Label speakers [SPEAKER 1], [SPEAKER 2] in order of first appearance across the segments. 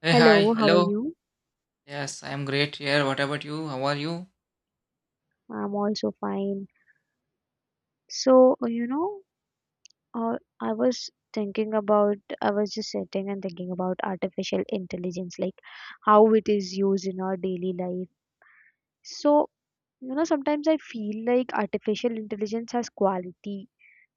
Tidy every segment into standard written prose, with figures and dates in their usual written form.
[SPEAKER 1] Hey, hi,
[SPEAKER 2] Hello, how are
[SPEAKER 1] hello.
[SPEAKER 2] you?
[SPEAKER 1] Yes, I am great here. What about you? How are you?
[SPEAKER 2] I'm also fine. So, uh, you know, I was thinking about, I was just sitting and thinking about artificial intelligence, like how it is used in our daily life. So, sometimes I feel like artificial intelligence has quality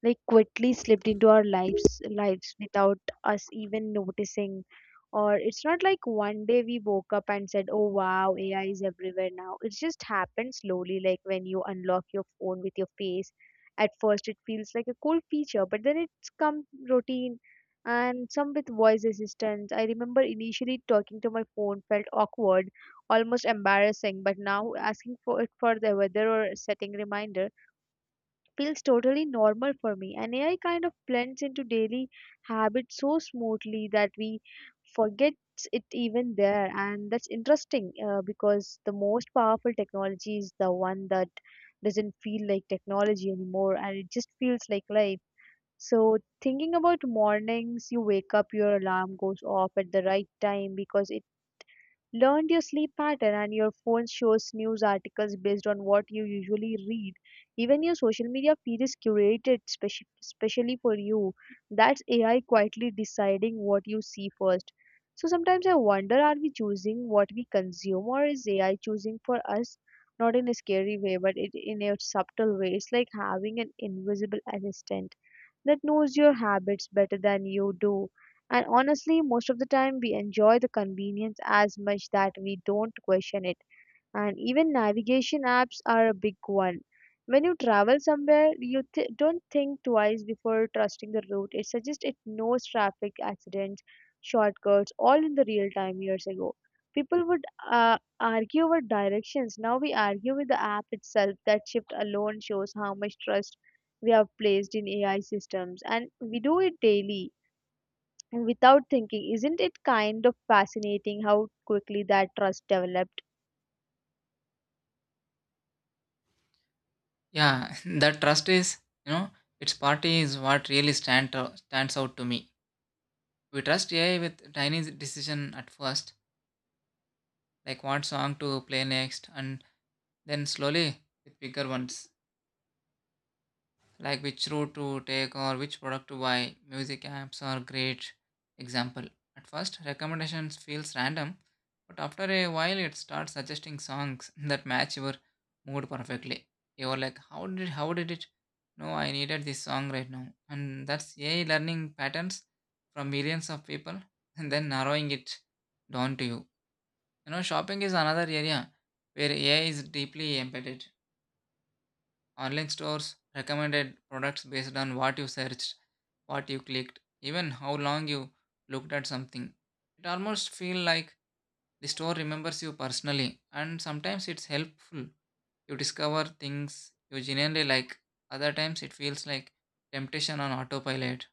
[SPEAKER 2] like quietly slipped into our lives without us even noticing. Or it's not like one day we woke up and said, oh wow, AI is everywhere now. It just happened slowly, like when you unlock your phone with your face. At first it feels like a cool feature, but then it's come routine. And some with voice assistance, I remember initially talking to my phone felt awkward, almost embarrassing, but now asking for it for the weather or setting reminders feels totally normal for me. And AI kind of blends into daily habits so smoothly that we forget it even there. And that's interesting, because the most powerful technology is the one that doesn't feel like technology anymore, and it just feels like life. So, thinking about mornings, you wake up, your alarm goes off at the right time because it learned your sleep pattern, and your phone shows news articles based on what you usually read. Even your social media feed is curated specially for you. That's AI quietly deciding what you see first. So sometimes I wonder, are we choosing what we consume or is AI choosing for us? Not in a scary way, but it, in a subtle way. It's like having an invisible assistant that knows your habits better than you do. And honestly, most of the time we enjoy the convenience as much that we don't question it. And even navigation apps are a big one. When you travel somewhere, you don't think twice before trusting the route it suggests. It knows traffic accidents, shortcuts, all in the real time. Years ago, people would argue over directions. Now we argue with the app itself. That shift alone shows how much trust we have placed in AI systems, and we do it daily and without thinking. Isn't it kind of fascinating how quickly that trust developed?
[SPEAKER 1] Yeah, that trust is, you know, its party is what really stands out to me. We trust AI with tiny decision at first, like what song to play next, and then slowly with bigger ones, like which route to take or which product to buy. Music apps are great example. At first, recommendations feels random, but after a while it starts suggesting songs that match your mood perfectly. You're like, how did it? Know I needed this song right now, and that's AI learning patterns from millions of people, and then narrowing it down to you. You know, shopping is another area where AI is deeply embedded. Online stores recommended products based on what you searched, what you clicked, even how long you looked at something. It almost feels like the store remembers you personally, and sometimes it's helpful. You discover things you genuinely like, other times it feels like temptation on autopilot.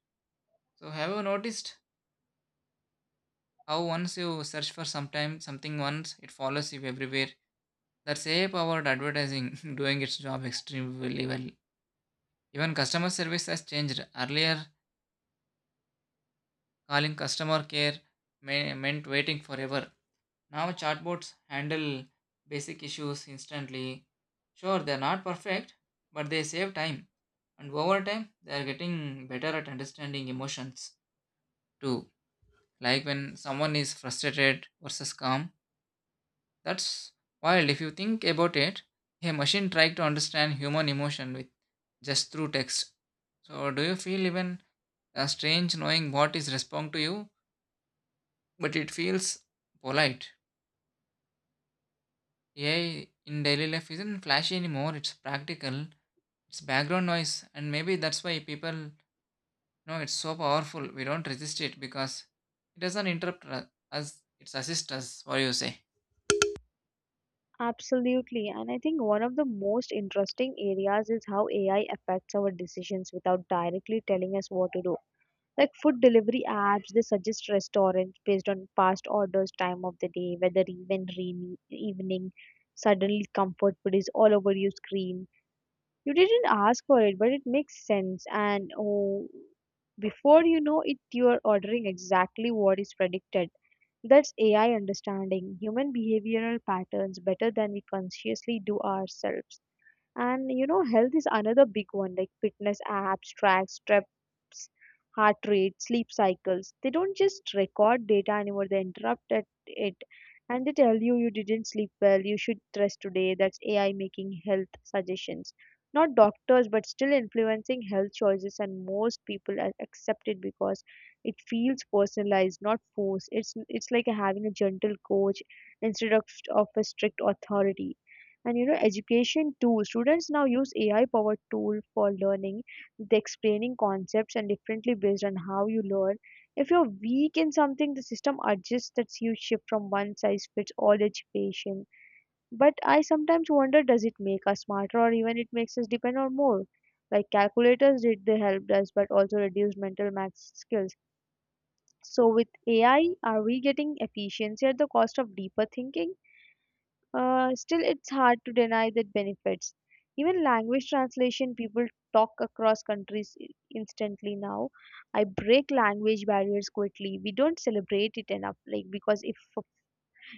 [SPEAKER 1] So, have you noticed how once you search for something once, it follows you everywhere? That's AI powered advertising doing its job extremely well. Even customer service has changed. Earlier, calling customer care meant waiting forever. Now chatbots handle basic issues instantly. Sure, they're not perfect, but they save time. And over time, they are getting better at understanding emotions too, like when someone is frustrated versus calm. That's wild. If you think about it, a machine tried to understand human emotion with just through text. So, do you feel even strange knowing what is responding to you, but it feels polite? AI in daily life isn't flashy anymore. It's practical. It's background noise, and maybe that's why people know it's so powerful. We don't resist it because it doesn't interrupt us. It's assist us. What do you say?
[SPEAKER 2] Absolutely. And I think one of the most interesting areas is how AI affects our decisions without directly telling us what to do. Like food delivery apps, they suggest restaurants based on past orders, time of the day, weather, even rainy evening. Suddenly, comfort food is all over your screen. You didn't ask for it, but it makes sense. And oh, before you know it, you are ordering exactly what is predicted. That's AI understanding human behavioral patterns better than we consciously do ourselves. And you know, health is another big one, like fitness apps, track steps, heart rate, sleep cycles. They don't just record data anymore, they interrupt at it and they tell you you didn't sleep well, you should rest today. That's AI making health suggestions. Not doctors, but still influencing health choices, and most people accept it because it feels personalized, not forced. It's like having a gentle coach instead of a strict authority. And you know, education too, students now use AI powered tool for learning, the explaining concepts and differently based on how you learn. If you're weak in something, the system adjusts that. You shift from one size fits all education. But I sometimes wonder, does it make us smarter or even it makes us depend on more, like calculators did? They helped us but also reduced mental math skills. So with AI, are we getting efficiency at the cost of deeper thinking? Still it's hard to deny the benefits. Even language translation, people talk across countries instantly now. I break language barriers quickly. We don't celebrate it enough, like because if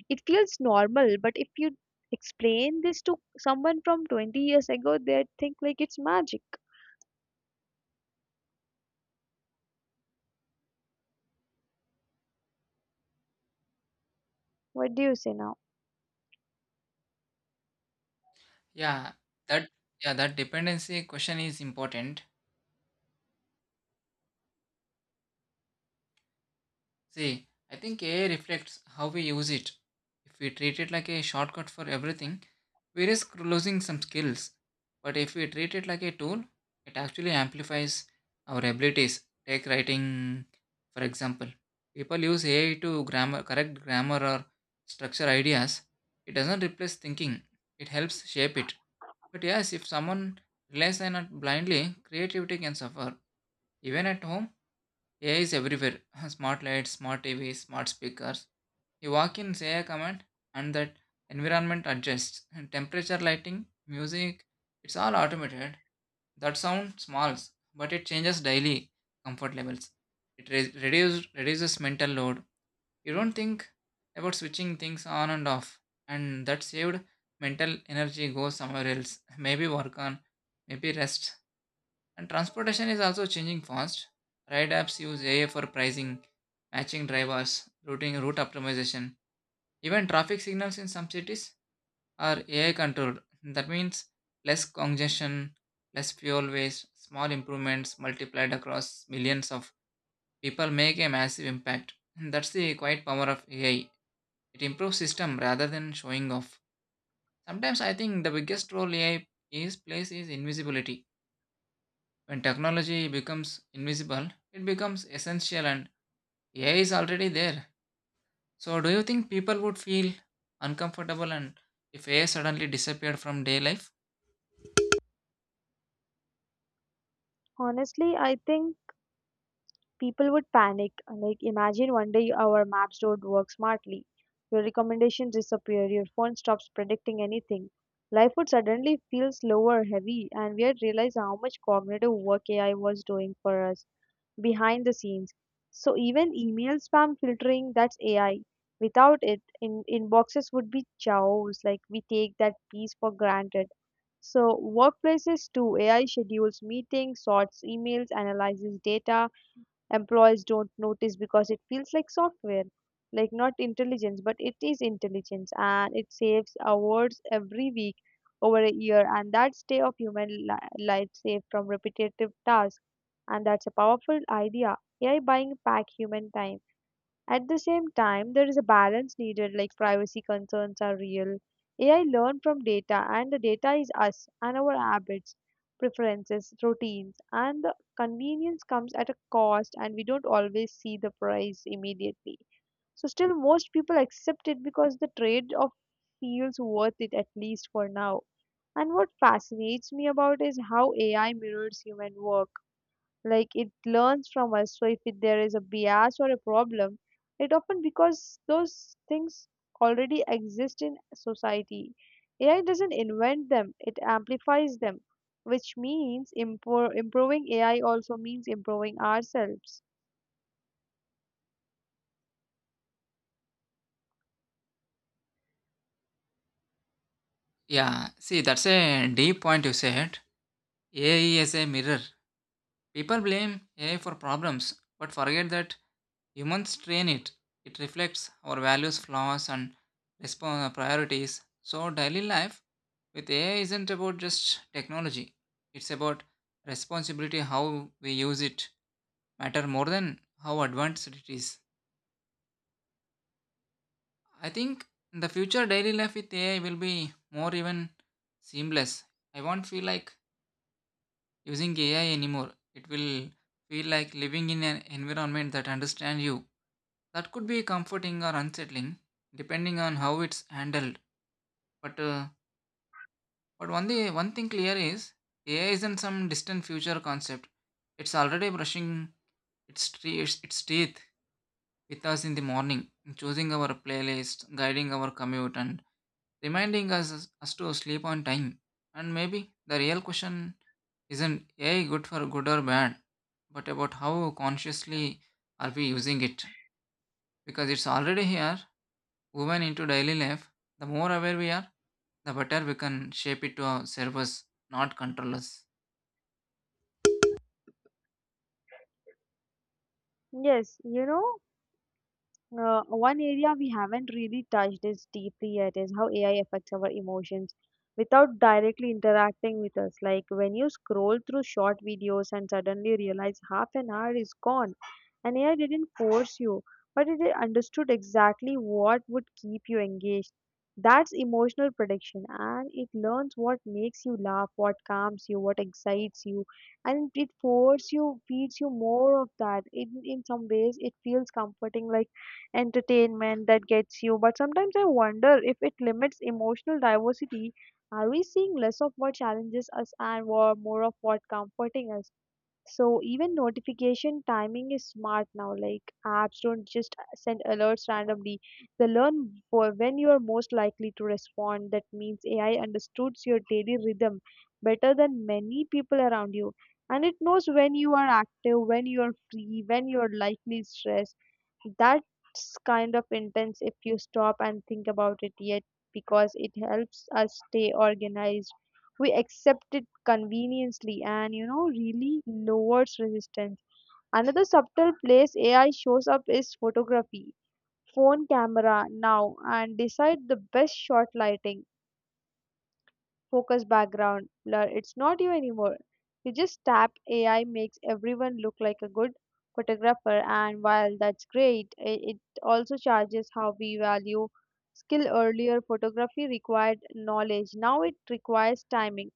[SPEAKER 2] it feels normal, but if you explain this to someone from 20 years ago, they'd think like it's magic. What do you say now?
[SPEAKER 1] Yeah, that yeah, that dependency question is important. See, I think AI reflects how we use it. If we treat it like a shortcut for everything, we risk losing some skills. But if we treat it like a tool, it actually amplifies our abilities. Take writing, for example. People use AI to correct grammar or structure ideas. It doesn't replace thinking, it helps shape it. But yes, if someone relies on it blindly, creativity can suffer. Even at home, AI is everywhere. Smart lights, smart TVs, smart speakers. You walk in, say a command, and that environment adjusts. Temperature, lighting, music, it's all automated. That sound small, but it changes daily comfort levels. It reduces mental load. You don't think about switching things on and off, and that saved mental energy goes somewhere else. Maybe work on, maybe rest, and transportation is also changing fast. Ride apps use AI for pricing, matching drivers, routing, route optimization. Even traffic signals in some cities are AI controlled. That means less congestion, less fuel waste, small improvements multiplied across millions of people make a massive impact. And that's the quiet power of AI. It improves system rather than showing off. Sometimes I think the biggest role AI is plays is invisibility. When technology becomes invisible, it becomes essential, and AI is already there. So, do you think people would feel uncomfortable and if AI suddenly disappeared from day life?
[SPEAKER 2] Honestly, I think people would panic. Like, imagine one day our maps don't work smartly, your recommendations disappear, your phone stops predicting anything. Life would suddenly feel slower, heavy, and we'd realize how much cognitive work AI was doing for us behind the scenes. So, even email spam filtering, that's AI. Without it, in inboxes would be chaos. Like, we take that piece for granted. So workplaces too, AI schedules meetings, sorts emails, analyzes data, employees don't notice because it feels like software, like not intelligence, but it is intelligence. And it saves awards every week over a year, and that day of human life saved from repetitive tasks. And that's a powerful idea, AI buying back human time. At the same time, there is a balance needed, like privacy concerns are real. AI learn from data, and the data is us and our habits, preferences, routines, and the convenience comes at a cost, and we don't always see the price immediately. So, still, most people accept it because the trade off feels worth it, at least for now. And what fascinates me about is how AI mirrors human work, like it learns from us. So if it, there is a bias or a problem, it often because those things already exist in society. AI doesn't invent them, it amplifies them, which means improving AI also means improving ourselves.
[SPEAKER 1] Yeah, see, that's a deep point you said. AI is a mirror. People blame AI for problems, but forget that humans train it. It reflects our values, flaws, and respon priorities. So, daily life with AI isn't about just technology, it's about responsibility, how we use it, matter more than how advanced it is. I think in the future, daily life with AI will be more even seamless. I won't feel like using AI anymore. It will feel like living in an environment that understands you. That could be comforting or unsettling, depending on how it's handled. But uh, but one thing clear is AI isn't some distant future concept. It's already brushing its teeth with us in the morning, choosing our playlist, guiding our commute, and reminding us to sleep on time. And maybe the real question isn't AI good for good or bad, but about how consciously are we using it, because it's already here woven into daily life, the more aware we are, the better we can shape it to our service, not control us.
[SPEAKER 2] Yes, you know, one area we haven't really touched is deeply yet is how AI affects our emotions without directly interacting with us. Like when you scroll through short videos and suddenly realize half an hour is gone, and AI didn't force you, but it understood exactly what would keep you engaged. That's emotional prediction, and it learns what makes you laugh, what calms you, what excites you, and it forces you, feeds you more of that. In some ways, it feels comforting, like entertainment that gets you. But sometimes I wonder if it limits emotional diversity. Are we seeing less of what challenges us and more of what comforting us? So even notification timing is smart now. Like apps don't just send alerts randomly. They learn for when you are most likely to respond. That means AI understands your daily rhythm better than many people around you. And it knows when you are active, when you are free, when you are likely stressed. That's kind of intense if you stop and think about it. Yet because it helps us stay organized, we accept it conveniently, and really lowers resistance. Another subtle place AI shows up is photography. Phone camera now and decide the best shot, lighting, focus, background blur. It's not you anymore, you just tap. AI makes everyone look like a good photographer. And while that's great, it also charges how we value skill. Earlier, photography required knowledge, now it requires timing.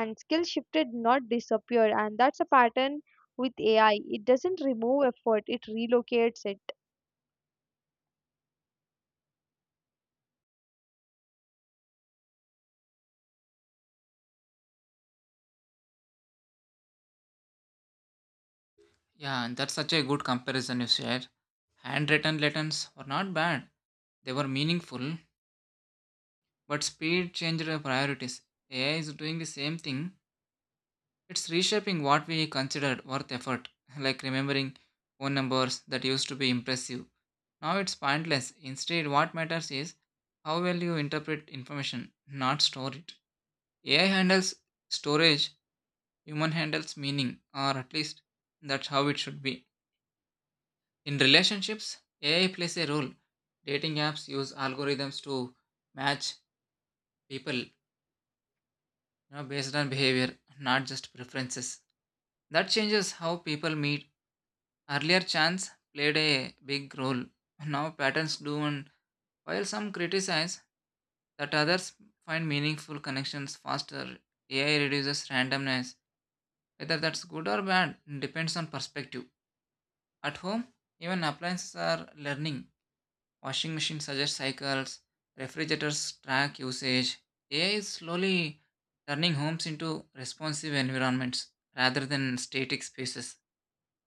[SPEAKER 2] And skill shifted, not disappeared. And that's a pattern with AI, it doesn't remove effort, it relocates it.
[SPEAKER 1] Yeah, and that's such a good comparison you shared. Handwritten letters were not bad, they were meaningful, but speed changed our priorities. AI is doing the same thing, it's reshaping what we considered worth effort, like remembering phone numbers that used to be impressive. Now it's pointless. Instead, what matters is how well you interpret information, not store it. AI handles storage, human handles meaning, or at least that's how it should be. In relationships, AI plays a role. Dating apps use algorithms to match people, you know, based on behavior, not just preferences. That changes how people meet. Earlier, chance played a big role. Now, patterns do, and while some criticize that, others find meaningful connections faster. AI reduces randomness. Whether that's good or bad depends on perspective. At home, even appliances are learning. Washing machines suggests cycles, refrigerators track usage. AI is slowly turning homes into responsive environments rather than static spaces.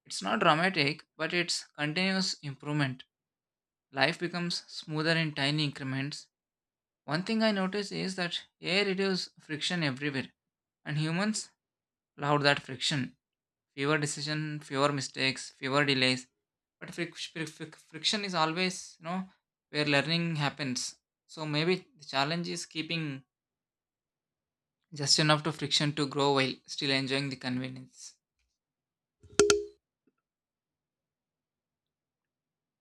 [SPEAKER 1] It's not dramatic, but it's continuous improvement. Life becomes smoother in tiny increments. One thing I notice is that AI reduces friction everywhere, and humans love that friction. Fewer decision, fewer mistakes, fewer delays, but friction is always, you know, where learning happens. So maybe the challenge is keeping just enough to friction to grow while still enjoying the convenience.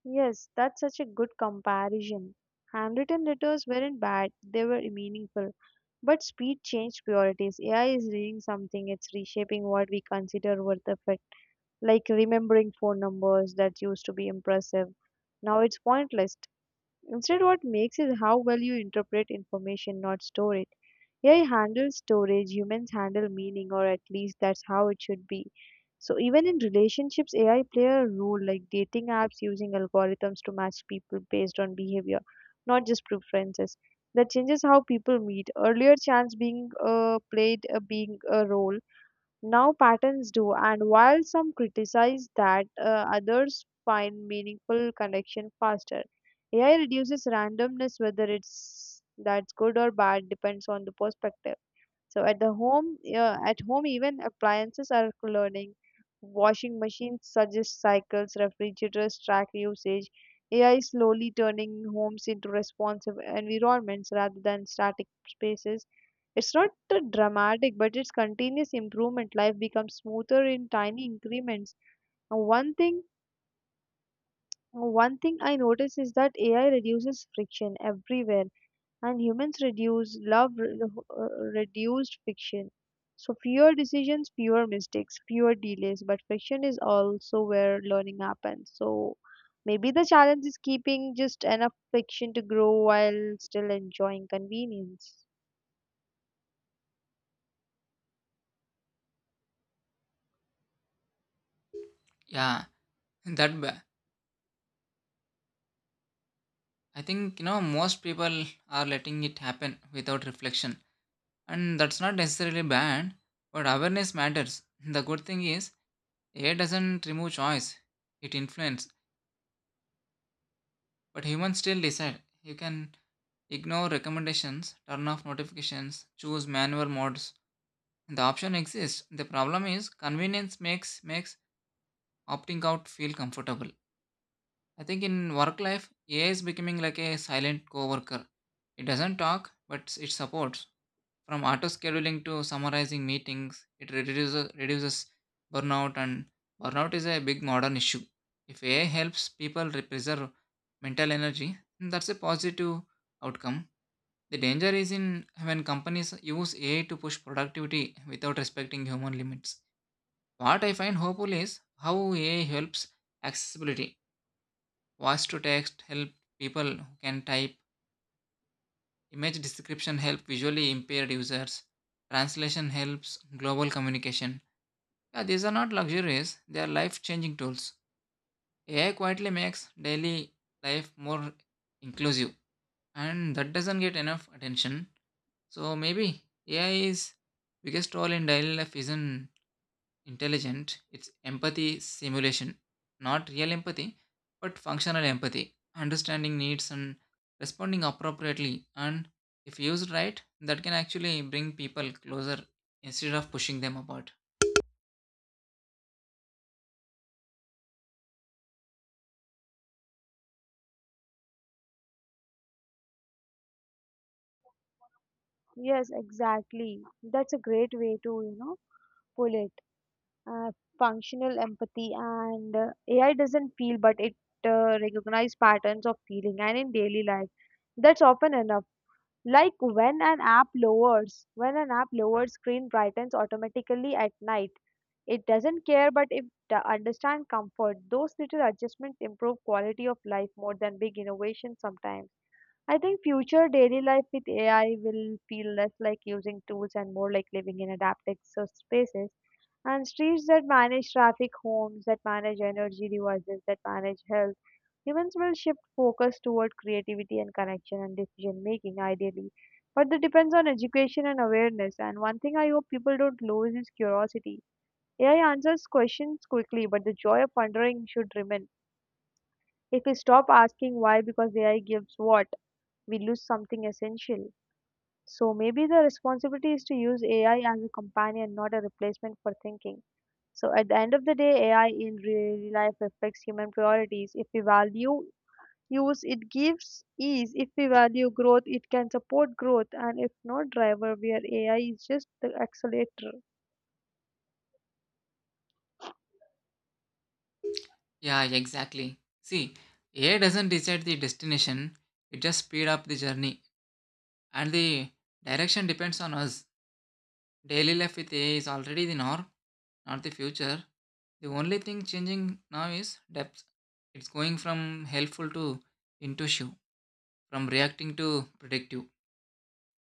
[SPEAKER 2] Yes, that's such a good comparison. Handwritten letters weren't bad, they were meaningful. But speed changed priorities. AI is doing something, it's reshaping what we consider worth of it. Like remembering phone numbers that used to be impressive. Now it's pointless. Instead, what makes is how well you interpret information, not store it. AI handles storage, humans handle meaning, or at least that's how it should be. So even in relationships, AI play a role, like dating apps using algorithms to match people based on behavior, not just preferences. That changes how people meet. Earlier, chance being played a being a role, now patterns do, and while some criticize that, others find meaningful connection faster. AI reduces randomness, whether it's that's good or bad depends on the perspective. So at the home, at home even appliances are learning. Washing machines suggest cycles, refrigerators track usage. AI is slowly turning homes into responsive environments rather than static spaces. It's not dramatic, but it's continuous improvement. Life becomes smoother in tiny increments. Now, one thing I notice is that AI reduces friction everywhere, and humans reduce love reduced friction. So fewer decisions, fewer mistakes, fewer delays, but friction is also where learning happens. So maybe the challenge is keeping just enough friction to grow while still enjoying convenience.
[SPEAKER 1] Yeah that ba- i think, you know, most people are letting it happen without reflection, and that's not necessarily bad, but awareness matters. The good thing is AI doesn't remove choice, it influences. But humans still decide. You can ignore recommendations, turn off notifications, choose manual modes. The option exists. The problem is convenience makes opting out feel comfortable. I think in work life, AI is becoming like a silent coworker. It doesn't talk, but it supports. From auto scheduling to summarizing meetings, it reduces burnout, and burnout is a big modern issue. If AI helps people preserve mental energy, that's a positive outcome. The danger is in when companies use AI to push productivity without respecting human limits. What I find hopeful is how AI helps accessibility. Voice to text help people who can type. Image description help visually impaired users. Translation helps global communication. Yeah, these are not luxuries, they are life changing tools. AI quietly makes daily life more inclusive, and that doesn't get enough attention. So maybe A is biggest role in daily life isn't intelligent, it's empathy simulation, not real empathy, but functional empathy, understanding needs and responding appropriately. And if used right, that can actually bring people closer instead of pushing them apart.
[SPEAKER 2] Yes, exactly. That's a great way to, pull it. Uh, Functional empathy, and AI doesn't feel, but it recognizes patterns of feeling and in daily life. That's often enough. Like when an app lowers, when an app lowers screen brightens automatically at night, it doesn't care, but if the understand comfort, those little adjustments improve quality of life more than big innovations sometimes. I think future daily life with AI will feel less like using tools and more like living in adapted spaces and streets that manage traffic, homes that manage energy devices, that manage health. Humans will shift focus toward creativity and connection and decision making, ideally. But that depends on education and awareness. And one thing I hope people don't lose is curiosity. AI answers questions quickly, but the joy of wondering should remain. If we stop asking why because AI gives what, we lose something essential. So maybe the responsibility is to use AI as a companion, not a replacement for thinking. So at the end of the day, AI in real life reflects human priorities. If we value use it gives ease, if we value growth it can support growth, and if not driver where ai is just the accelerator.
[SPEAKER 1] Yeah, exactly. See, AI doesn't decide the destination, it just speed up the journey, and the direction depends on us. Daily life with AI is already the norm, not the future. The only thing changing now is depth. It's going from helpful to intuitive, from reacting to predictive.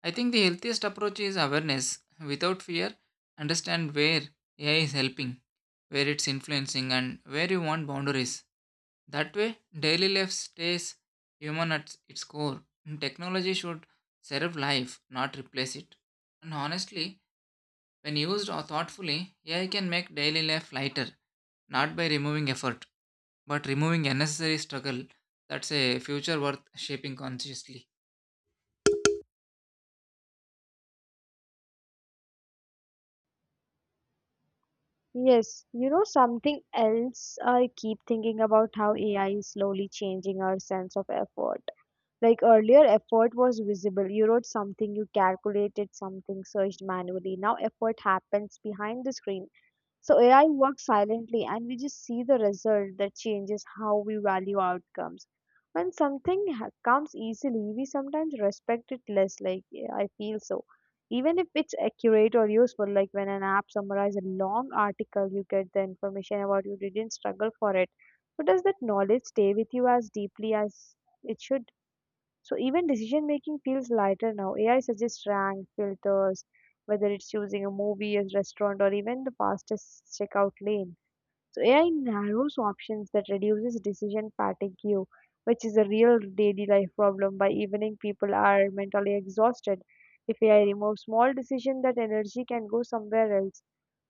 [SPEAKER 1] I think the healthiest approach is awareness. Without fear, understand where AI is helping, where it's influencing, and where you want boundaries. That way, daily life stays human at its core. Technology should serve life, not replace it. And honestly, when used or thoughtfully, AI can make daily life lighter, not by removing effort, but removing unnecessary struggle. That's a future worth shaping consciously.
[SPEAKER 2] Yes, you know something else I keep thinking about how AI is slowly changing our sense of effort. Like earlier, effort was visible. You wrote something, you calculated something, searched manually. Now, effort happens behind the screen. So AI works silently, and we just see the result that changes how we value outcomes. When comes easily, we sometimes respect it less. Like yeah, I feel so, even if it's accurate or useful. Like when an app summarizes a long article, you get the information about you didn't struggle for it. But does that knowledge stay with you as deeply as it should? So even decision making feels lighter now. AI suggests rank, filters, whether it's choosing a movie, a restaurant, or even the fastest checkout lane. So AI narrows options that reduces decision fatigue, which is a real daily life problem. By evening, people are mentally exhausted. If AI removes small decision, that energy can go somewhere else.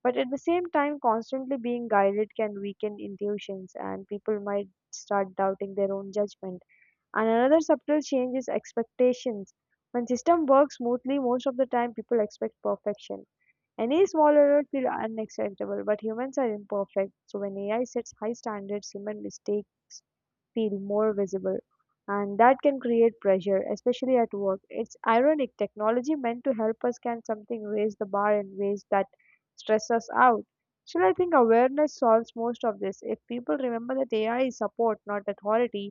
[SPEAKER 2] But at the same time, constantly being guided can weaken intuitions, and people might start doubting their own judgment. And another subtle change is expectations. When system works smoothly, most of the time people expect perfection. Any small error feel unacceptable, but humans are imperfect. So when AI sets high standards, human mistakes feel more visible, and that can create pressure, especially at work. It's ironic, technology meant to help us can something raise the bar in ways that stress us out. Still, I think awareness solves most of this. If people remember that ai is support, not authority,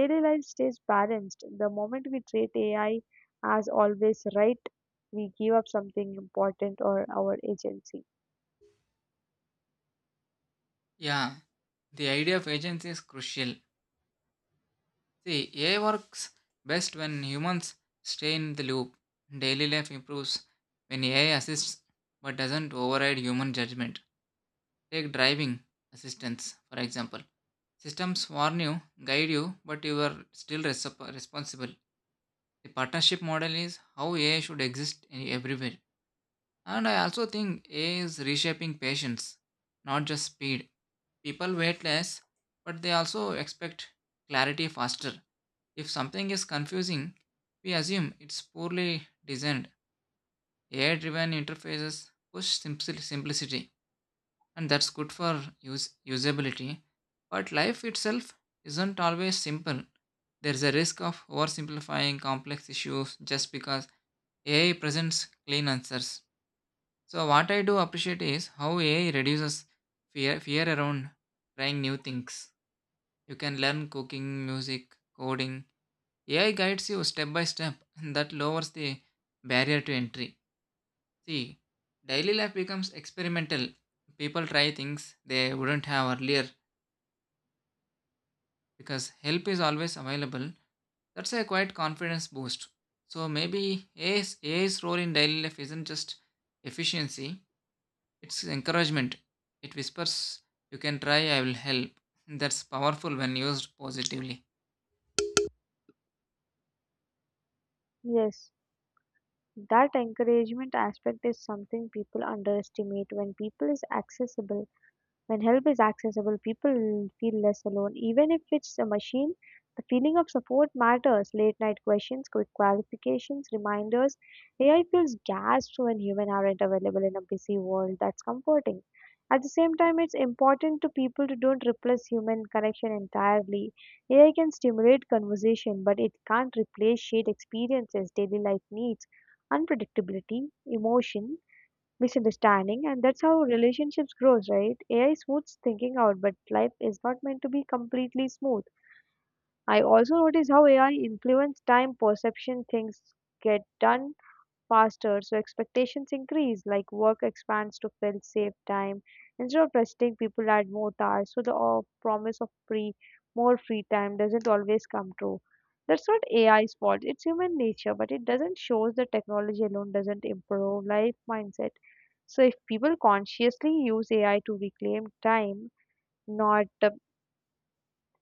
[SPEAKER 2] daily life stays balanced. The moment we treat ai as always right, we give up something important, or our agency.
[SPEAKER 1] Yeah, the idea of agency is crucial. See, AI works best when humans stay in the loop. Daily life improves when AI assists but doesn't override human judgment. Take driving assistance, for example. Systems warn you, guide you, but you are still responsible. The partnership model is how AI should exist everywhere. And I also think AI is reshaping patience, not just speed. People wait less, but they also expect clarity faster. If something is confusing, we assume it's poorly designed. AI driven interfaces push simplicity, and that's good for usability. But life itself isn't always simple. There's a risk of oversimplifying complex issues just because AI presents clean answers. So what I do appreciate is how AI reduces fear around trying new things. You can learn cooking, music, coding. AI guides you step by step, and that lowers the barrier to entry. See, daily life becomes experimental. People try things they wouldn't have earlier because help is always available. That's a quite confidence boost. So maybe AI's role in daily life isn't just efficiency, it's encouragement. It whispers, you can try, I will help. That's powerful when used positively.
[SPEAKER 2] Yes. That encouragement aspect is something people underestimate when people is accessible. When help is accessible, people feel less alone. Even if it's a machine, the feeling of support matters. Late night questions, quick clarifications, reminders. AI feels gasped when humans aren't available in a busy world. That's comforting. At the same time, it's important to people to don't replace human connection entirely. AI can stimulate conversation, but it can't replace shared experiences, daily life needs, unpredictability, emotion, misunderstanding, and that's how relationships grows, right? Ai smooths thinking out, but life is not meant to be completely smooth. I also notice how ai influence time perception. Things get done faster, so expectations increase, like work expands to fill save time. Instead of resting, people add more tasks, so the promise of free, more free time doesn't always come true. That's not AI's fault, it's human nature, but it doesn't shows that technology alone doesn't improve life mindset. So if people consciously use AI to reclaim time, not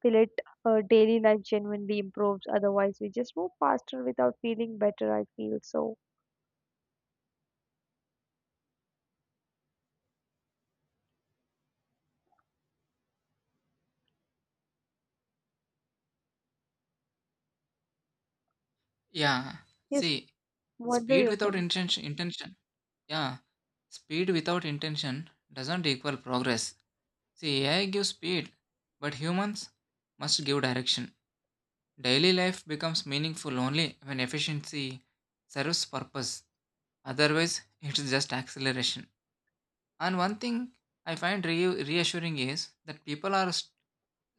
[SPEAKER 2] fill it, daily life genuinely improves. Otherwise, we just move faster without feeling better. I feel so.
[SPEAKER 1] Yeah.
[SPEAKER 2] Yes,
[SPEAKER 1] See,
[SPEAKER 2] what do
[SPEAKER 1] speed
[SPEAKER 2] you
[SPEAKER 1] without
[SPEAKER 2] think?
[SPEAKER 1] intention, intention. Yeah. Speed without intention doesn't equal progress. See, AI gives speed, but humans must give direction. Daily life becomes meaningful only when efficiency serves purpose. Otherwise, it's just acceleration. And one thing I find reassuring is that people are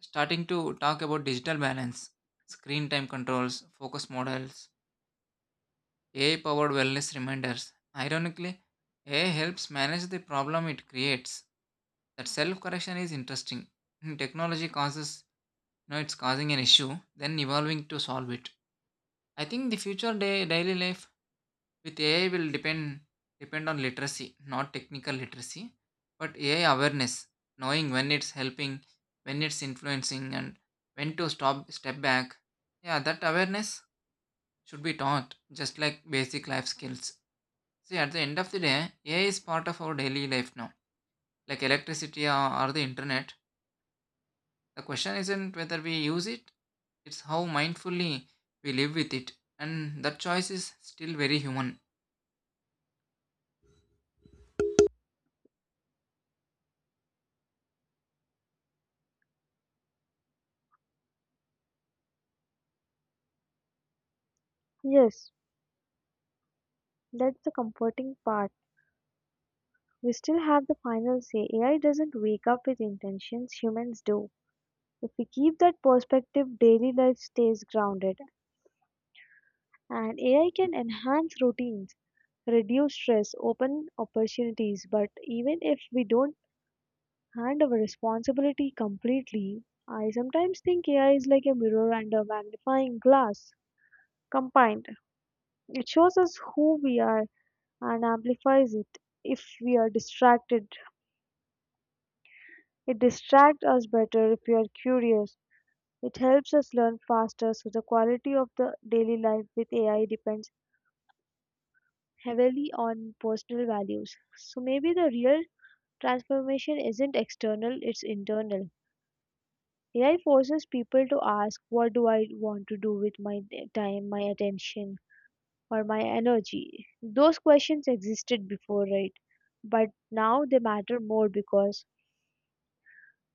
[SPEAKER 1] starting to talk about digital balance, screen time controls, focus models, AI powered wellness reminders. Ironically, AI helps manage the problem it creates. That self correction is interesting. Hmm, technology causes, you know, it's causing an issue, then evolving to solve it. I think the future day daily life with AI will depend on literacy, not technical literacy, but AI awareness, knowing when it's helping, when it's influencing, and when to stop step back. Yeah, that awareness should be taught, just like basic life skills. See, at the end of the day, AI is part of our daily life now, like electricity or the internet. The question isn't whether we use it; it's how mindfully we live with it, and that choice is still very human.
[SPEAKER 2] Yes, that's the comforting part. We still have the final say. AI doesn't wake up with intentions, humans do. If we keep that perspective, daily life stays grounded. And AI can enhance routines, reduce stress, open opportunities. But even if we don't hand over responsibility completely, I sometimes think AI is like a mirror and a magnifying glass combined. It shows us who we are and amplifies it. If we are distracted, it distracts us better. If we are curious, it helps us learn faster, so the quality of the daily life with AI depends heavily on personal values. So maybe the real transformation isn't external, it's internal. AI forces people to ask, what do I want to do with time, my attention, or my energy? Those questions existed before, right? But now they matter more because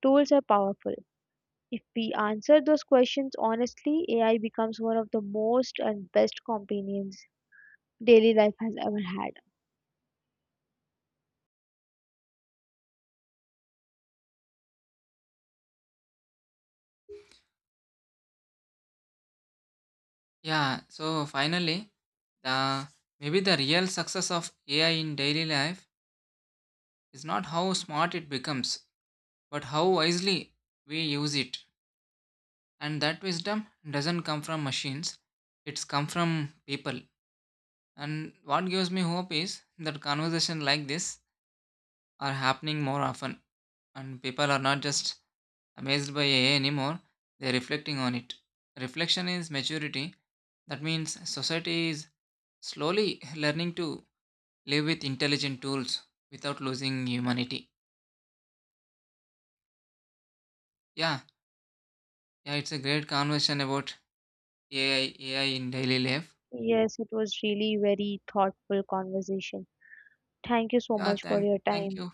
[SPEAKER 2] tools are powerful. If we answer those questions honestly, AI becomes one of the most and best companions daily life has ever had.
[SPEAKER 1] Yeah, so finally, The maybe the real success of AI in daily life is not how smart it becomes, but how wisely we use it. And that wisdom doesn't come from machines; it's come from people. And what gives me hope is that conversations like this are happening more often, and people are not just amazed by AI anymore; they're reflecting on it. Reflection is maturity. That means society is slowly learning to live with intelligent tools without losing humanity. Yeah, yeah, it's a great conversation about AI in daily life.
[SPEAKER 2] Yes, it was really very thoughtful conversation. Thank you so
[SPEAKER 1] Yeah,
[SPEAKER 2] much for your
[SPEAKER 1] thank
[SPEAKER 2] time.
[SPEAKER 1] you.